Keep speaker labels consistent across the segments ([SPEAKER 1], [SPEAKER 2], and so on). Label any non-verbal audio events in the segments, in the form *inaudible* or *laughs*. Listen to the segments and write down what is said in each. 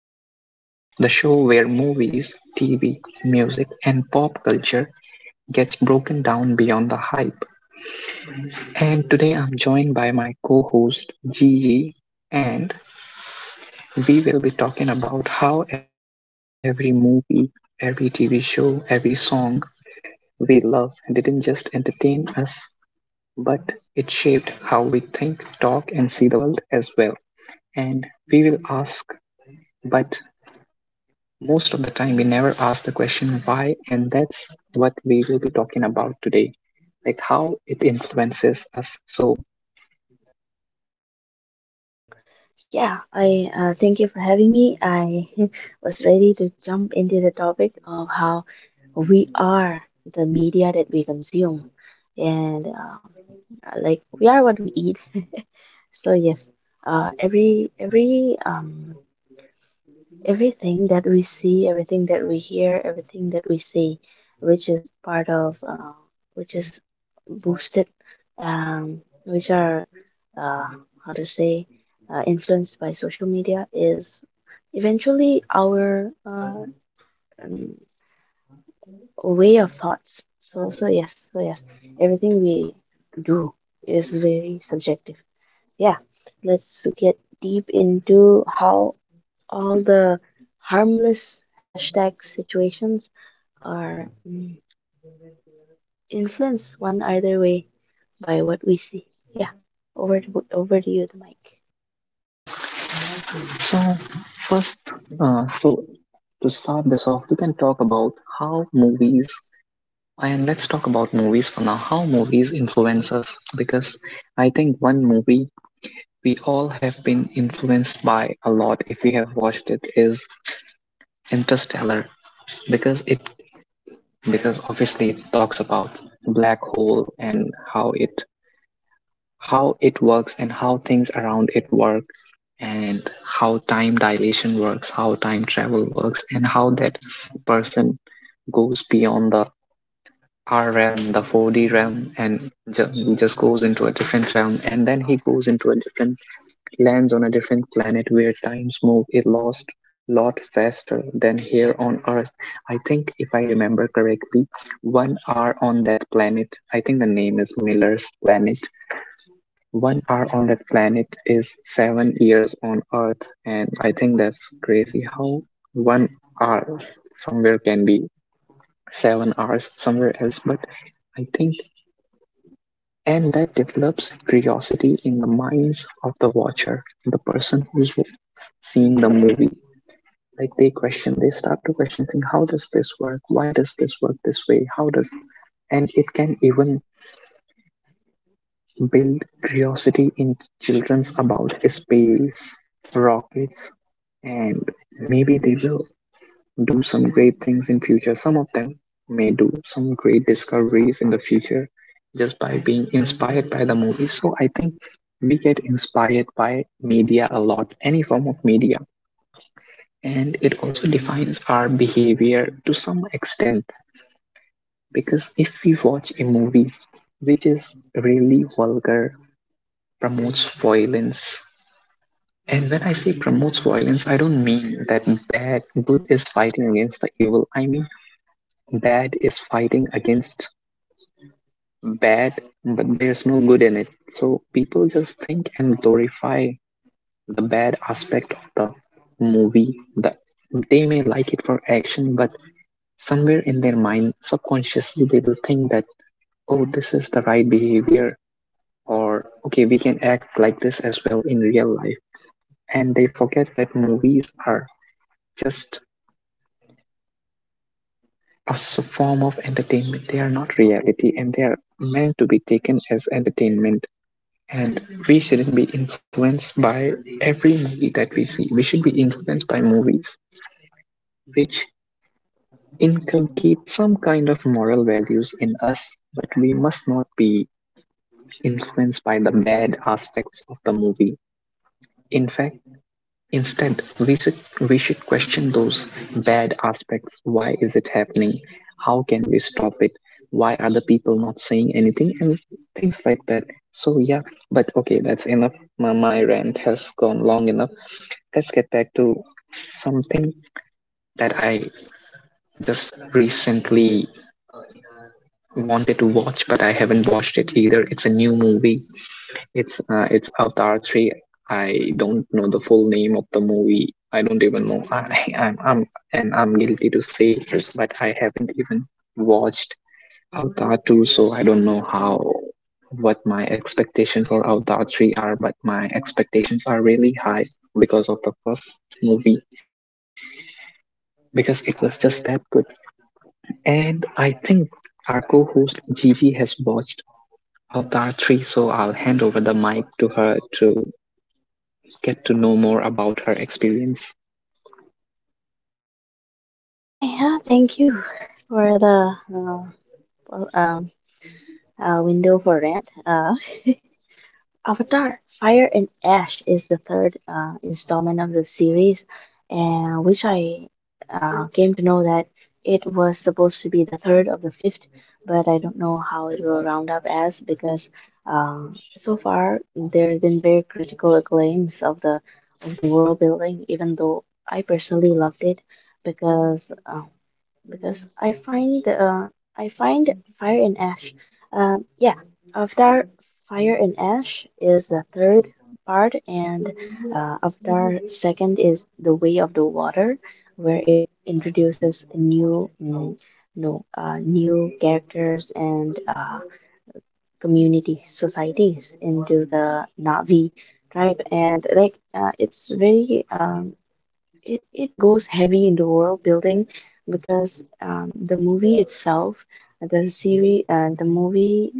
[SPEAKER 1] Entertainment, the show where movies, TV, music, and pop culture gets broken down beyond the hype. And today I'm joined by my co host Gigi, and we will be talking about how every movie, every TV show, every song we love didn't just entertain us, but it shaped how we think, talk, and see the world as well. And we will ask, but most of the time, we never ask the question why, and that's what we will be talking about today, like how it influences us. So,
[SPEAKER 2] Yeah, I thank you for having me. I *laughs* was ready to jump into the topic of how we are the media that we consume, and like we are what we eat. *laughs* So yes, uh, every every um, everything that we see, everything that we hear, everything that we see, which is part of, uh, which is boosted, um, which are, uh, how to say, influenced by social media, is eventually our um, way of thoughts. So yes, everything we do is very subjective. Yeah, let's get deep into how all the harmless hashtag situations are influenced one either way by what we see. Yeah, over to you, the mic.
[SPEAKER 1] so first, uh, so to start this off, we can talk about how movies and let's talk about movies for now. How movies influence us, because I think one movie we all have been influenced by a lot, if we have watched it, is Interstellar, because it because obviously it talks about black hole, and how it works, and how things around it work, and how time dilation works, how time travel works, and how that person goes beyond the r realm the 4D realm, and just goes into a different realm, and then he goes into a different lands on a different planet where time's move a lost lot faster than here on Earth. I think, if I remember correctly, 1 hour on that planet, I think the name is Miller's planet. 1 hour on that planet is 7 years on Earth, and I think that's crazy how 1 hour somewhere can be 7 hours somewhere else. But I think and that develops curiosity in the minds of the watcher, the person who's seeing the movie. Like, they question they start to question, think how does this work, why does this work this way, how does. And it can even build curiosity in children's about space, rockets, and maybe they will do some great things in future, some of them may do some great discoveries in the future, just by being inspired by the movie. So I think we get inspired by media a lot, any form of media. And it also defines our behavior to some extent, because if we watch a movie which is really vulgar, promotes violence. And when I say promotes violence, I don't mean that bad good is fighting against the evil. I mean bad is fighting against bad, but there's no good in it. So people just think and glorify the bad aspect of the movie. They may like it for action, but somewhere in their mind, subconsciously, they will think that, oh, this is the right behavior, or okay, we can act like this as well in real life. And they forget that movies are just a form of entertainment. They are not reality, and they are meant to be taken as entertainment. And we shouldn't be influenced by every movie that we see. We should be influenced by movies which inculcate some kind of moral values in us, but we must not be influenced by the bad aspects of the movie. In fact, instead, we should, we should question those bad aspects. Why is it happening? How can we stop it? Why are the people not saying anything? And things like that. So, yeah, but okay, that's enough. My rant has gone long enough. Let's get back to something that I just recently wanted to watch, but I haven't watched it either. It's a new movie. It's Avatar 3. I don't know the full name of the movie. I don't even know. *laughs* I'm guilty to say, yes. But I haven't even watched Avatar 2, so I don't know how what my expectations for Avatar 3 are. But my expectations are really high because of the first movie, because it was just that good. And I think our co-host Gigi has watched Avatar 3, so I'll hand over the mic to her to get to know more about her experience.
[SPEAKER 2] Hi, yeah, thank you for the well, um, window for rant. *laughs* Avatar: Fire and Ash is the third installment of the series, and which I came to know that it was supposed to be the third of the fifth, but I don't know how it will round up as because so far there have been very critical acclaims of the world building, even though I personally loved it because uh, because I find I find Fire and Ash. Yeah, Avatar Fire and Ash is the third part, and Avatar second is The Way of the Water, where it introduces new mm, no new characters and community societies into the Navi tribe, and it's very, it goes heavy into world building because the movie itself, the series, the movie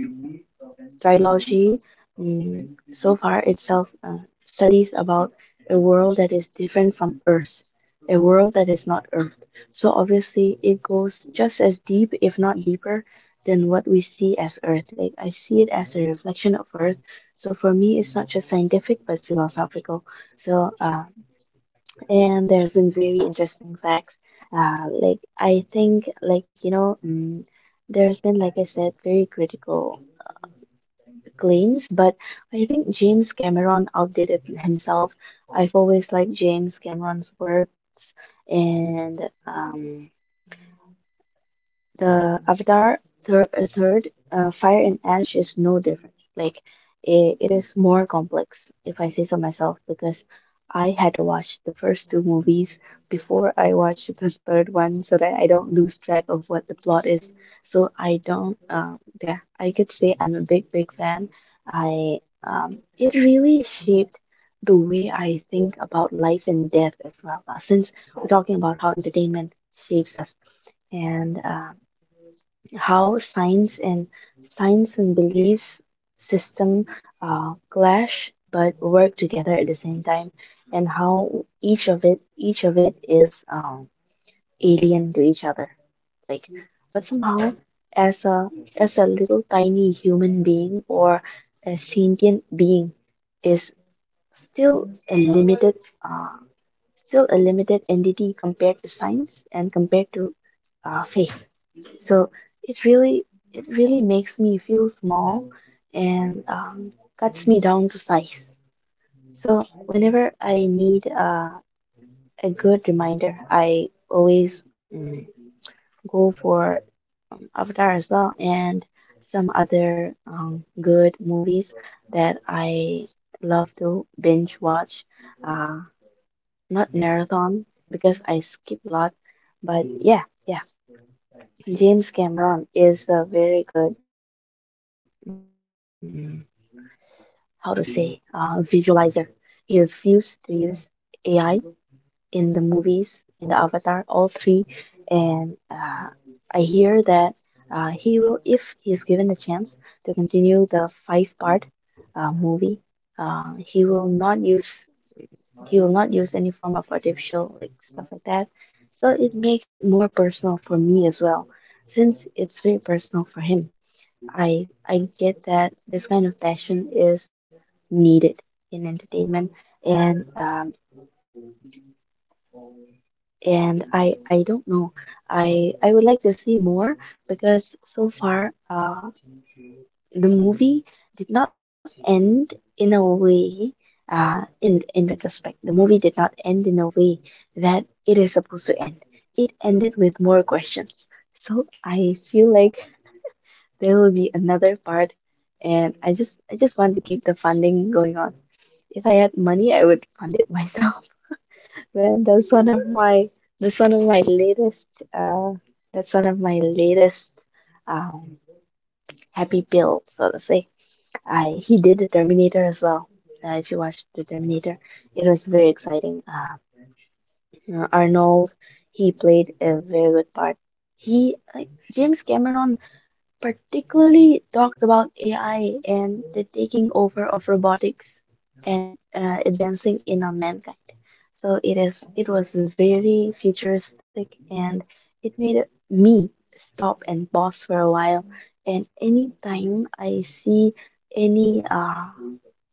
[SPEAKER 2] trilogy, so far itself studies about a world that is different from Earth, a world that is not Earth. So obviously, it goes just as deep, if not deeper, than what we see as Earth. Like I see it as a reflection of Earth. So for me, it's not just scientific but philosophical. So and there's been very interesting facts. Like I think, there's been, like I said, very critical uh, claims, but I think James Cameron outdid it himself. I've always liked James Cameron's works, and um, the Avatar third Fire and Ash is no different. Like it is more complex, if I say so myself, because I had to watch the first two movies before I watched the third one, so that I don't lose track of what the plot is. So I don't. Yeah, I could say I'm a big, big fan. I It really shaped the way I think about life and death as well. Since we're talking about how entertainment shapes us and how science and belief system clash but work together at the same time, and how each of it is alien to each other. Like, but somehow, as a little tiny human being or a sentient being, is still a limited. Uh, Still a limited entity compared to science and compared to faith. So it really it really makes me feel small and cuts me down to size. So whenever I need a good reminder, I always mm, go for Avatar as well and some other good movies that I love to binge watch. Uh, Not marathon because I skip a lot, but yeah, yeah. James Cameron is a very good. Mm how to say, visualizer. He refused to use AI in the movies, in the Avatar, all three. And I hear that he will, if he's given the chance to continue the five part movie, uh, he will not use he will not use any form of artificial like stuff like that. So it makes it more personal for me as well, since it's very personal for him. I get that this kind of passion is needed in entertainment, and um, and I don't know. I would like to see more because so far the movie did not end in a way. In retrospect, the movie did not end in a way that it is supposed to end. It ended with more questions, so I feel like there will be another part, and I just want to keep the funding going on. If I had money, I would fund it myself. *laughs* Man, that's one of my that's one of my latest uh that's one of my latest um happy pills, so to say. I He did the Terminator as well. If you watched the Terminator, it was very exciting. Arnold, he played a very good part. He like James Cameron particularly talked about AI and the taking over of robotics and advancing in on mankind. It was very futuristic, and it made me stop and pause for a while. And anytime I see any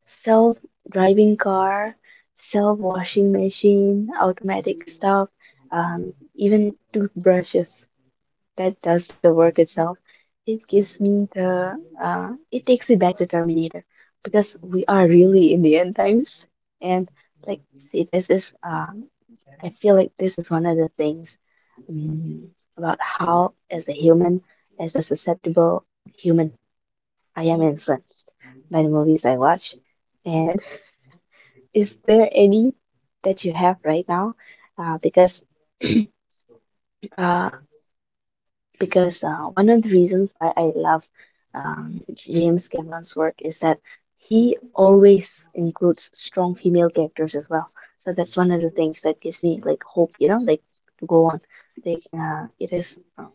[SPEAKER 2] self driving car, self washing machine, automatic stuff, even toothbrushes that does the work itself. It gives me the, uh, it takes me back to Terminator because we are really in the end times. And like, see, this is I feel like this is one of the things mm, about how, as a human, as a susceptible human, I am influenced by the movies I watch. And *laughs* is there any that you have right now? Uh, because uh, because one of the reasons why I love James Cameron's work is that he always includes strong female characters as well. So that's one of the things that gives me like hope, you know, like to go on. It is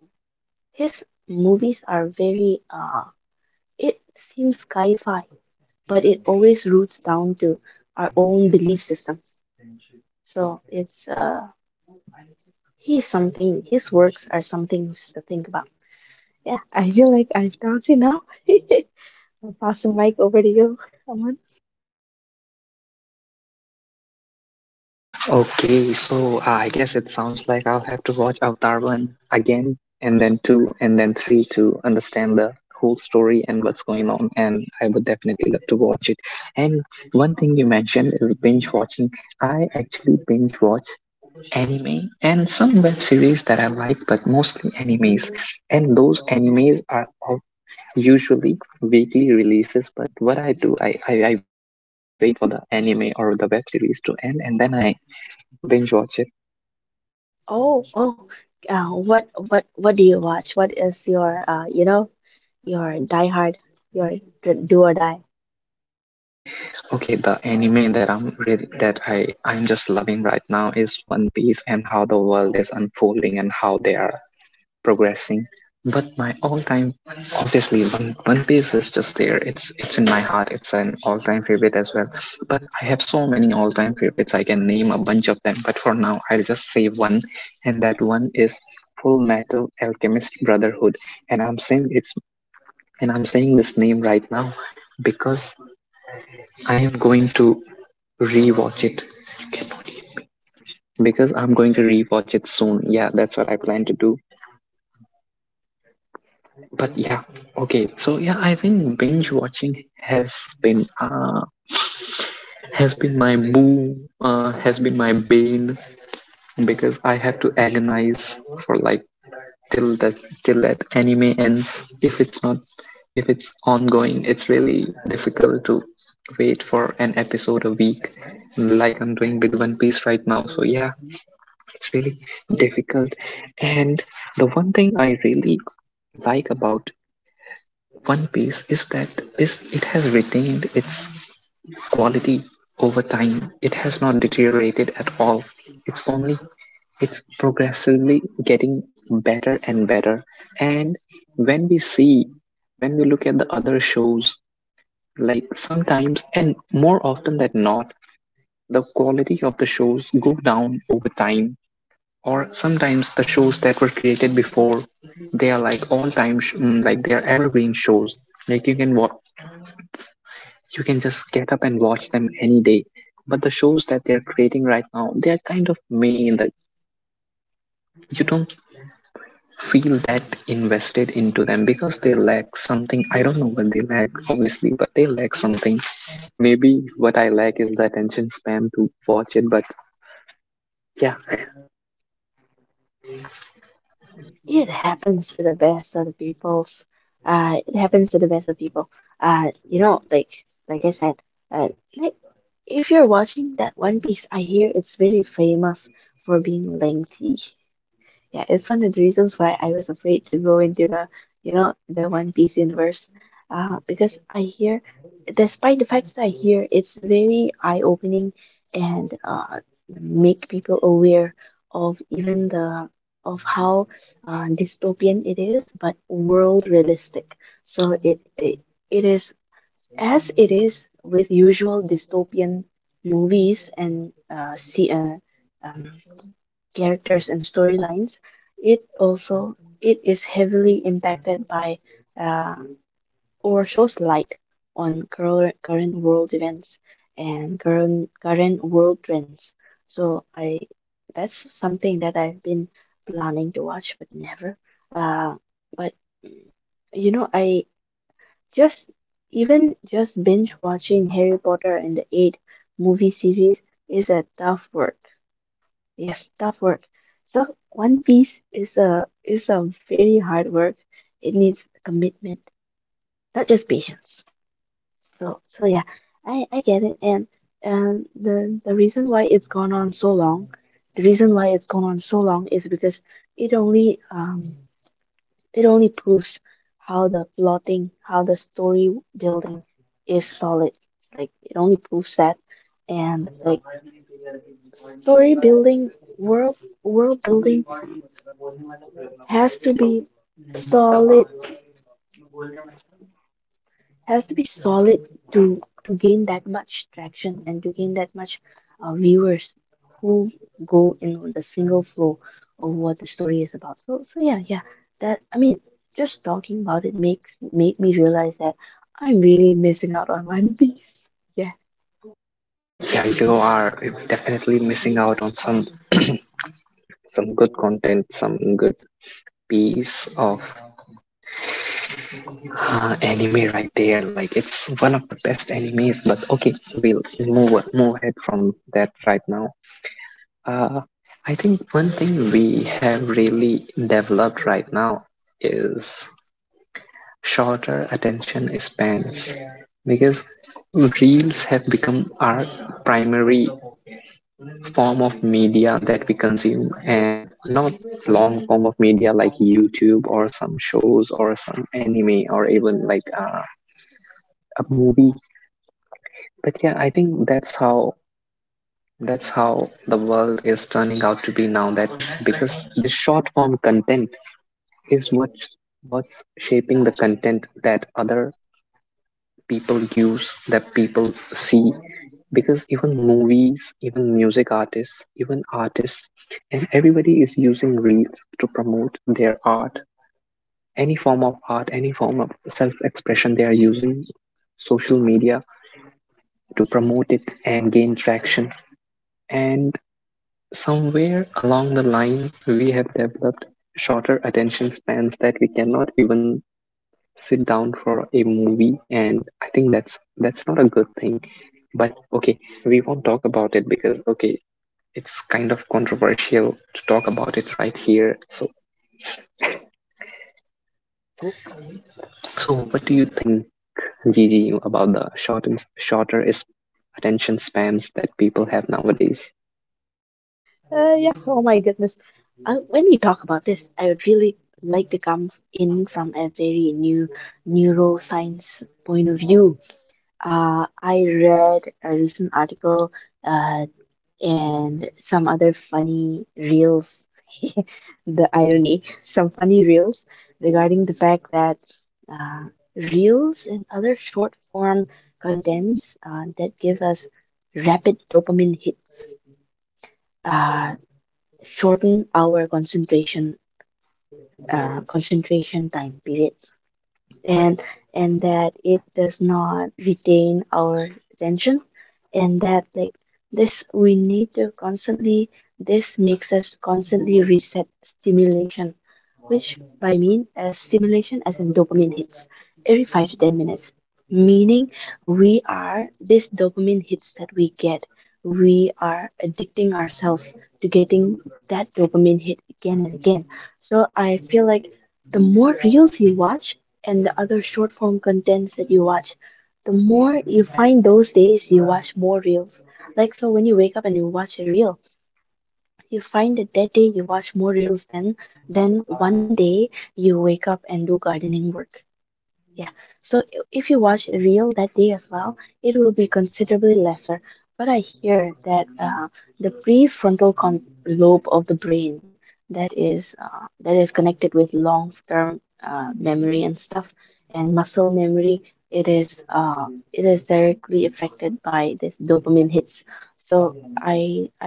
[SPEAKER 2] his movies are very, it seems sci-fi, but it always roots down to our own belief systems. So it's He's something. His works are some things to think about. Yeah, I feel like I've talked enough. *laughs* I'll pass the mic over to you, Aman.
[SPEAKER 1] Okay, so I guess it sounds like I'll have to watch Avatar 1 again, and then 2, and then 3 to understand the whole story and what's going on. And I would definitely love to watch it. And one thing you mentioned is binge watching. I actually binge watch anime and some web series that I like, but mostly animes. And those animes are usually weekly releases, but what I do, I wait for the anime or the web series to end, and then I binge watch it.
[SPEAKER 2] Oh, oh. What do you watch? What is your, you know, your diehard, your do or die?
[SPEAKER 1] Okay, the anime that I'm just loving right now is One Piece, and how the world is unfolding and how they are progressing. But my all-time, obviously, One Piece is just there. It's in my heart. It's an all-time favorite as well. But I have so many all-time favorites. I can name a bunch of them. But for now, I'll just say one, and that one is Full Metal Alchemist Brotherhood. And I'm saying this name right now because I am going to rewatch it rewatch it soon. Yeah, that's what I plan to do. But yeah, okay, so, yeah, I think binge watching been uh has been my boo has been my bane, because I have to agonize for like till that till that anime ends. If it's ongoing, it's really difficult to wait for an episode a week, like I'm doing with One Piece right now. So, yeah, it's really difficult. And the one thing I really like about One Piece is that is it has retained its quality over time. It has not deteriorated at all. It's only, it's progressively getting better and better. And when we see when we look at the other shows, like, sometimes, and more often than not, the quality of the shows go down over time. Or sometimes the shows that were created before, they are like all time, like they are evergreen shows. Like you can just get up and watch them any day. But the shows that they are creating right now, they are kind of male. You don't feel that invested into them, because they lack something. I don't know what they lack, obviously, but they lack something. Maybe what I lack is the attention span to watch it, but yeah.
[SPEAKER 2] It happens to the best of the peoples. It happens to the best of people. Uh, you know, like I said, uh, like, if you're watching that One Piece, I hear it's very famous for being lengthy. Yeah, it's one of the reasons why I was afraid to go into the, you know, the One Piece universe. Because I hear, despite the fact that I hear it's very eye-opening and make people aware of even the of how dystopian it is, but world realistic. So it is as it is with usual dystopian movies and um, characters and storylines. It also it is heavily impacted by uh, or shows light on current world events and current world trends. So I that's something that I've been planning to watch but never. Uh, but you know I just even just binge watching Harry Potter and the eight movie series is a tough work. Yes, tough work. So One Piece is a very hard work. It needs commitment, not just patience. So so yeah, I get it. And the reason why it's gone on so long, the reason why it's gone on so long is because it only um it only proves how the plotting, how the story building is solid. Like it only proves that, and like story building, world world building has to be solid solid to gain that much traction and to gain that much viewers who go in on the single flow of what the story is about. So yeah, that I mean, just talking about it makes made me realize that I'm really missing out on One Piece. Yeah.
[SPEAKER 1] Yeah, you are definitely missing out on some good piece of anime right there. Like it's one of the best animes. But okay, we'll move ahead from that right now. Uh, I think one thing we have really developed right now is shorter attention spans, because reels have become our primary form of media that we consume, and not long form of media like YouTube or some shows or some anime, or even like a movie. But yeah, I think that's how the world is turning out to be now, that because this short form content is what's shaping the content that other people use, that people see. Because even movies, even music artists, even artists and everybody is using reels to promote their art. Any form of art, any form of self expression, they are using social media to promote it and gain traction. And somewhere along the line, we have developed shorter attention spans that we cannot even sit down for a movie, and I think that's not a good thing. But okay, we won't talk about it, because okay, it's kind of controversial to talk about it right here. So, what do you think, Gigi, about the short shorter is attention spans that people have nowadays?
[SPEAKER 2] Yeah, oh my goodness. When we talk about this, I would really like to come in from a very new neuroscience point of view. I read a recent article uh, and some other funny reels. *laughs* The irony, some funny reels regarding the fact that uh, reels and other short form contents that give us rapid dopamine hits, uh, shorten our concentration concentration time period, and and that it does not retain our attention, and that like this we need to constantly this makes us constantly reset stimulation, which by mean as stimulation as in dopamine hits every 5 to 10 minutes, meaning we are this dopamine hits that we get, we are addicting ourselves to getting that dopamine hit again and again. So I feel like the more reels you watch and the other short form contents that you watch, the more you find those days you watch more reels. Like, so when you wake up and you watch a reel, you find that that day you watch more reels than one day you wake up and do gardening work. Yeah. So if you watch a reel that day as well, it will be considerably lesser. But I hear that the prefrontal lobe of the brain, that is connected with long term memory and stuff, and muscle memory, it is uh, it is directly affected by this dopamine hits. so i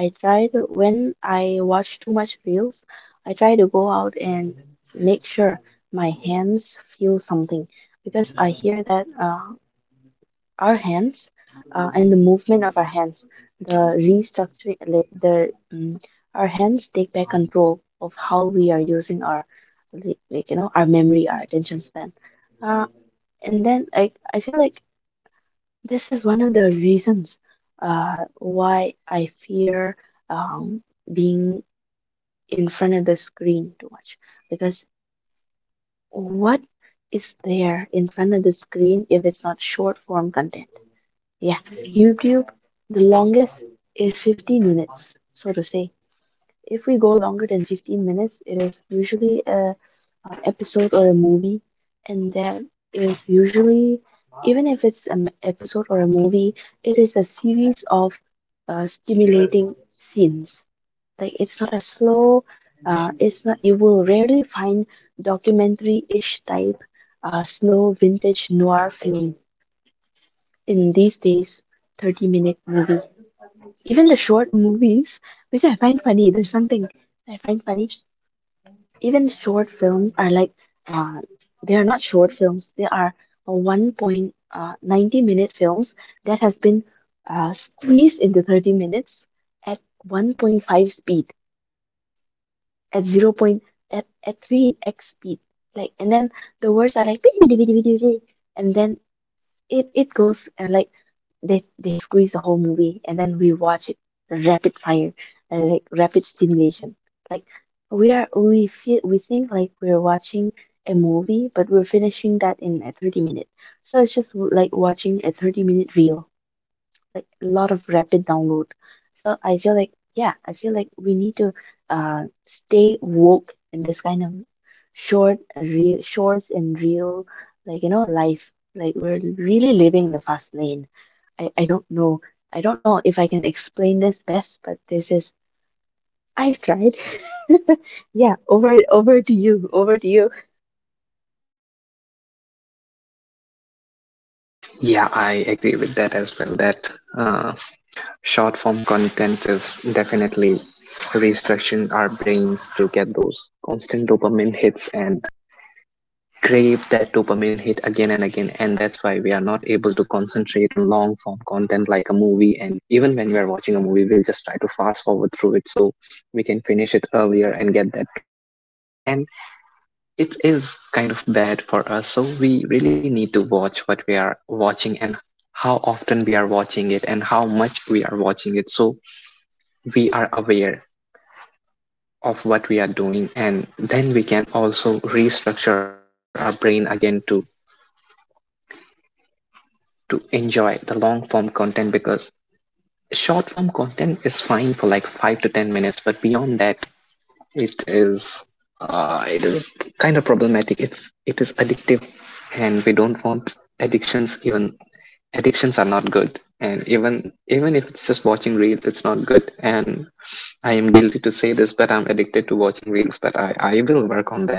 [SPEAKER 2] i try to, when I watch too much reels, I try to go out and make sure my hands feel something, because I hear that our hands, and the movement of our hands, the restructuring, like the— mm, our hands take back control of how we are using our like our memory, our attention span. uh, and then, like, I feel like this is one of the reasons why I fear um, being in front of the screen too much, because what is there in front of the screen if it's not short form content? Yeah, YouTube, the longest is 15 minutes, so to say. If we go longer than 15 minutes, it is usually a episode or a movie, and that is usually, even if it's an episode or a movie, it is a series of stimulating scenes, like it's not a slow— it's not— you will rarely find documentary-ish type, slow, vintage noir film in these days. 30-minute movie, even the short movies, which I find funny— there's something that I find funny, even short films are like, uh, they are not short films, they are a one point 90-minute films that has been squeezed into 30 minutes at 1.5 speed, at 0 point, at 3x speed, like, and then the words are like "Bidi, bidi, bidi, bidi, bidi," and then it goes, and like they squeeze the whole movie and then we watch it rapid fire, and like rapid stimulation, like, we feel, we think, like we're watching a movie, but we're finishing that in a 30 minute, so it's just like watching a 30-minute reel, like a lot of rapid download. So I feel like, yeah, I feel like we need to stay woke in this kind of short real, shorts and real, like life. Like, we're really living the fast lane. I don't know. I don't know if I can explain this best, but this is— I've tried. *laughs* Yeah, over to you. Over to you.
[SPEAKER 1] Yeah, I agree with that as well. That uh, short-form content is definitely restructuring our brains to get those constant dopamine hits and crave that dopamine hit again and again, and that's why we are not able to concentrate on long form content like a movie. And even when we are watching a movie, we'll just try to fast forward through it so we can finish it earlier and get that dopamine hit. And it is kind of bad for us, so we really need to watch what we are watching and how often we are watching it and how much we are watching it, so we are aware of what we are doing. And then we can also restructure our brain again to enjoy the long form content, because short form content is fine for like 5 to 10 minutes, but beyond that it is it is kind of problematic. It is addictive, and we don't want addictions. Even addictions are not good, and even if it's just watching reels, it's not good. And I am guilty to say this, but I'm addicted to watching reels, but I will work on that.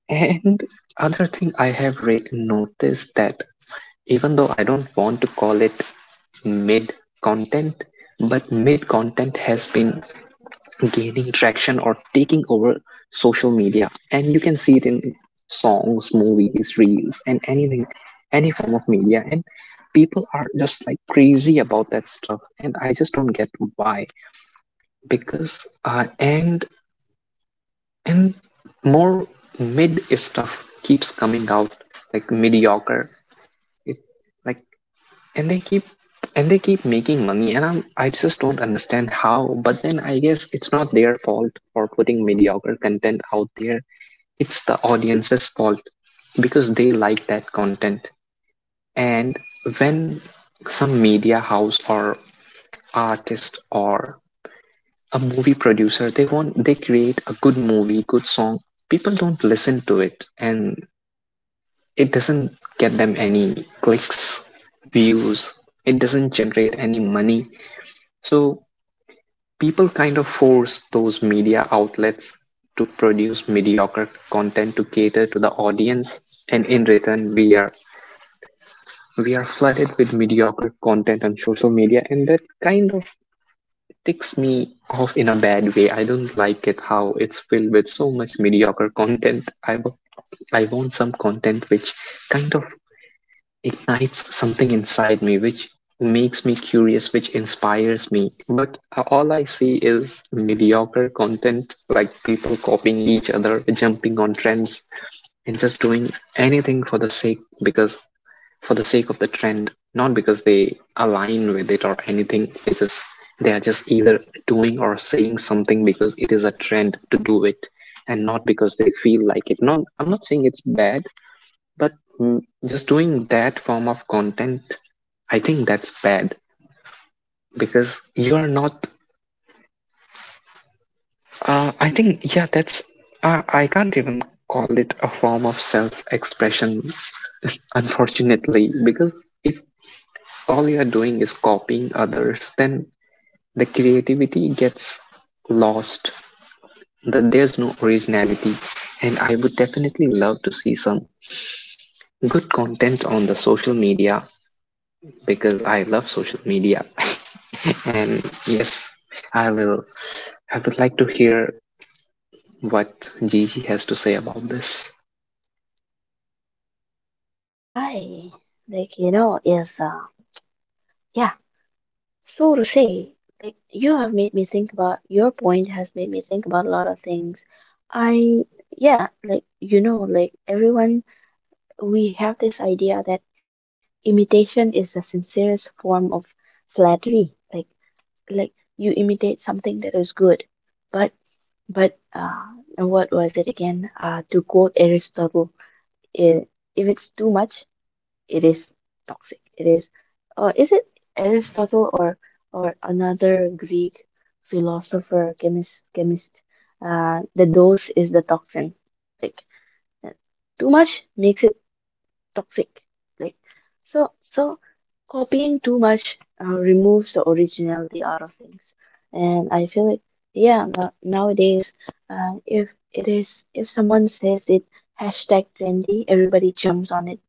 [SPEAKER 1] And other thing I have noticed that, even though I don't want to call it mid content, but mid content has been gaining traction or taking over social media, and you can see it in songs, movies, reels, and anything, any form of media. And people are just like crazy about that stuff, and I just don't get why. Because and more mid stuff keeps coming out, like mediocre it, like and they keep and they keep making money, and I just don't understand how. But then I guess it's not their fault for putting mediocre content out there. It's the audience's fault, because they like that content. And when some media house or artist or a movie producer, they create a good movie, good song, people don't listen to it, and it doesn't get them any clicks, views, it doesn't generate any money. So people kind of force those media outlets to produce mediocre content to cater to the audience, and in return we are flooded with mediocre content on social media. And that kind of ticks me off in a bad way. I don't like it, how it's filled with so much mediocre content. I want some content which kind of ignites something inside me, which makes me curious, which inspires me. But all I see is mediocre content, like people copying each other, jumping on trends, and just doing anything for the sake, because for the sake of the trend, not because they align with it or anything. They are just either doing or saying something because it is a trend to do it, and not because they feel like it. Not— I'm not saying it's bad, but mm, just doing that form of content, I think that's bad, because you are not. I think yeah, that's I can't even call it a form of self-expression *laughs* unfortunately, because if all you're doing is copying others, then the creativity gets lost. That there's no originality, and I would definitely love to see some good content on the social media, because I love social media. *laughs* And yes, I will. I would like to hear what Gigi has to say about this.
[SPEAKER 2] I, like, is, yeah. So to say, like, you have made me think— about— your point has made me think about a lot of things. I— yeah, like, like, everyone, we have this idea that imitation is the sincerest form of flattery. Like, like you imitate something that is good. But, what was it again? To quote Aristotle, eh, if it's too much, it is toxic. It is— is it Aristotle or another Greek philosopher, chemist? The dose is the toxin. Like, uh, too much makes it toxic. Like, so copying too much removes the originality out of things. And I feel like, yeah, nowadays, if someone says it hashtag trendy, everybody jumps on it,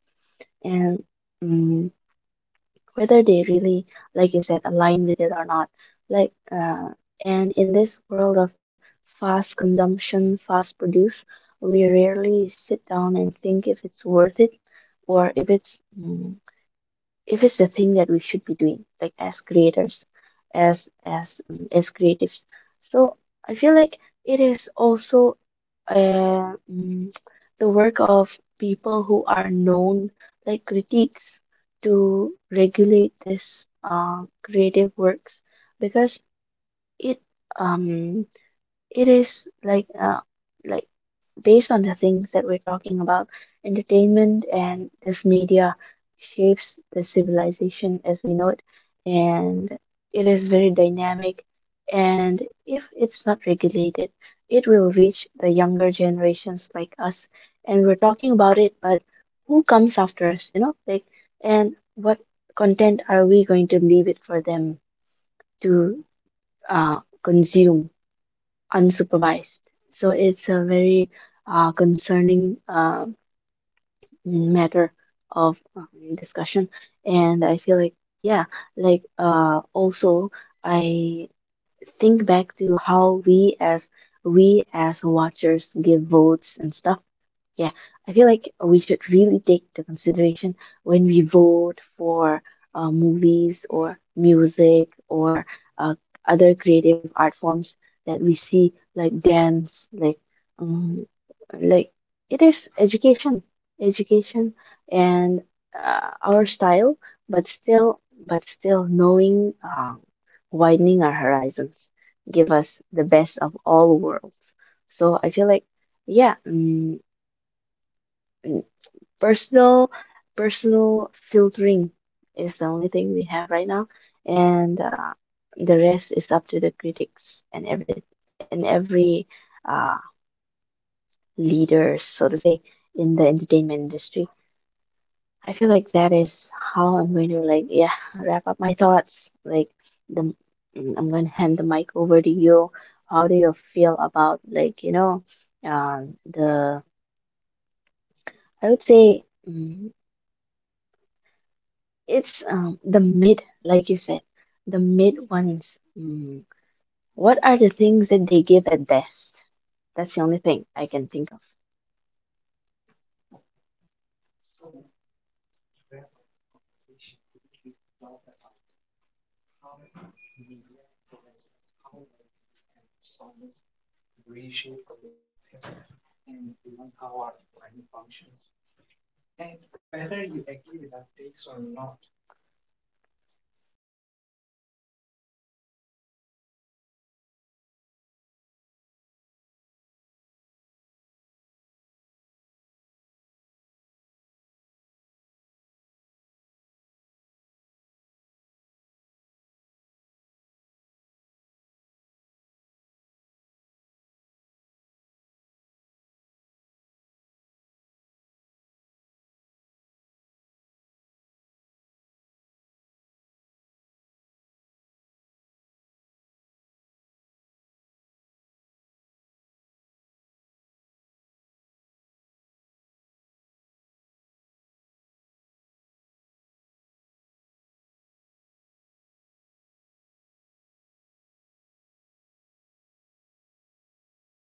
[SPEAKER 2] and mm, whether they really, like you said, align with it or not. Like, and in this world of fast consumption, fast produce, we rarely sit down and think if it's worth it, or if it's— if it's the thing that we should be doing, like as creators, as creatives. So I feel like, it is also uh, mm, the work of people who are known, like critiques, to regulate this creative works, because it um it is like like, based on the things that we're talking about, entertainment and this media shapes the civilization as we know it, and it is very dynamic, and if it's not regulated, it will reach the younger generations like us, and we're talking about it, but who comes after us, like, and what content are we going to leave it for them to uh, consume unsupervised? So it's a very concerning matter of discussion. And I feel like, yeah, like, also, I think back to how we as watchers give votes and stuff. Yeah, I feel like we should really take into consideration when we vote for movies or music or uh, other creative art forms that we see, like dance, like um, like, it is education, education, and our style, but still, knowing, widening our horizons, give us the best of all worlds. So I feel like, yeah. Personal personal filtering is the only thing we have right now, and the rest is up to the critics and every uh, leader, so to say, in the entertainment industry. I feel like that is how I'm going to, like, yeah, wrap up my thoughts. Like the I'm going to hand the mic over to you. How do you feel about, like, the I would say— mm, it's the mid, like you said, the mid ones. Mm. What are the things that they give at best? That's the only thing I can think of.
[SPEAKER 1] So, to wrap up the conversation, today we talked about how media influences, how movies and songs reshape the way we think and even how our mind functions. And whether you agree with our takes or not, it is really important to ask ourselves: should I be spending this much time on this form of content? Is this content worth watching? And should I really dedicate my time to this? And if I'm watching it, how it should influence me? Am I getting influenced by the negative aspects or the positive aspects? And the other thing is, the last thing, last but not the least, is that how often are we moving from one thing to another? Like how quickly are we jumping on trends? Are we quick to jump on trends? Are we quick to make opinions about some things before thinking about that thing? Or are we letting media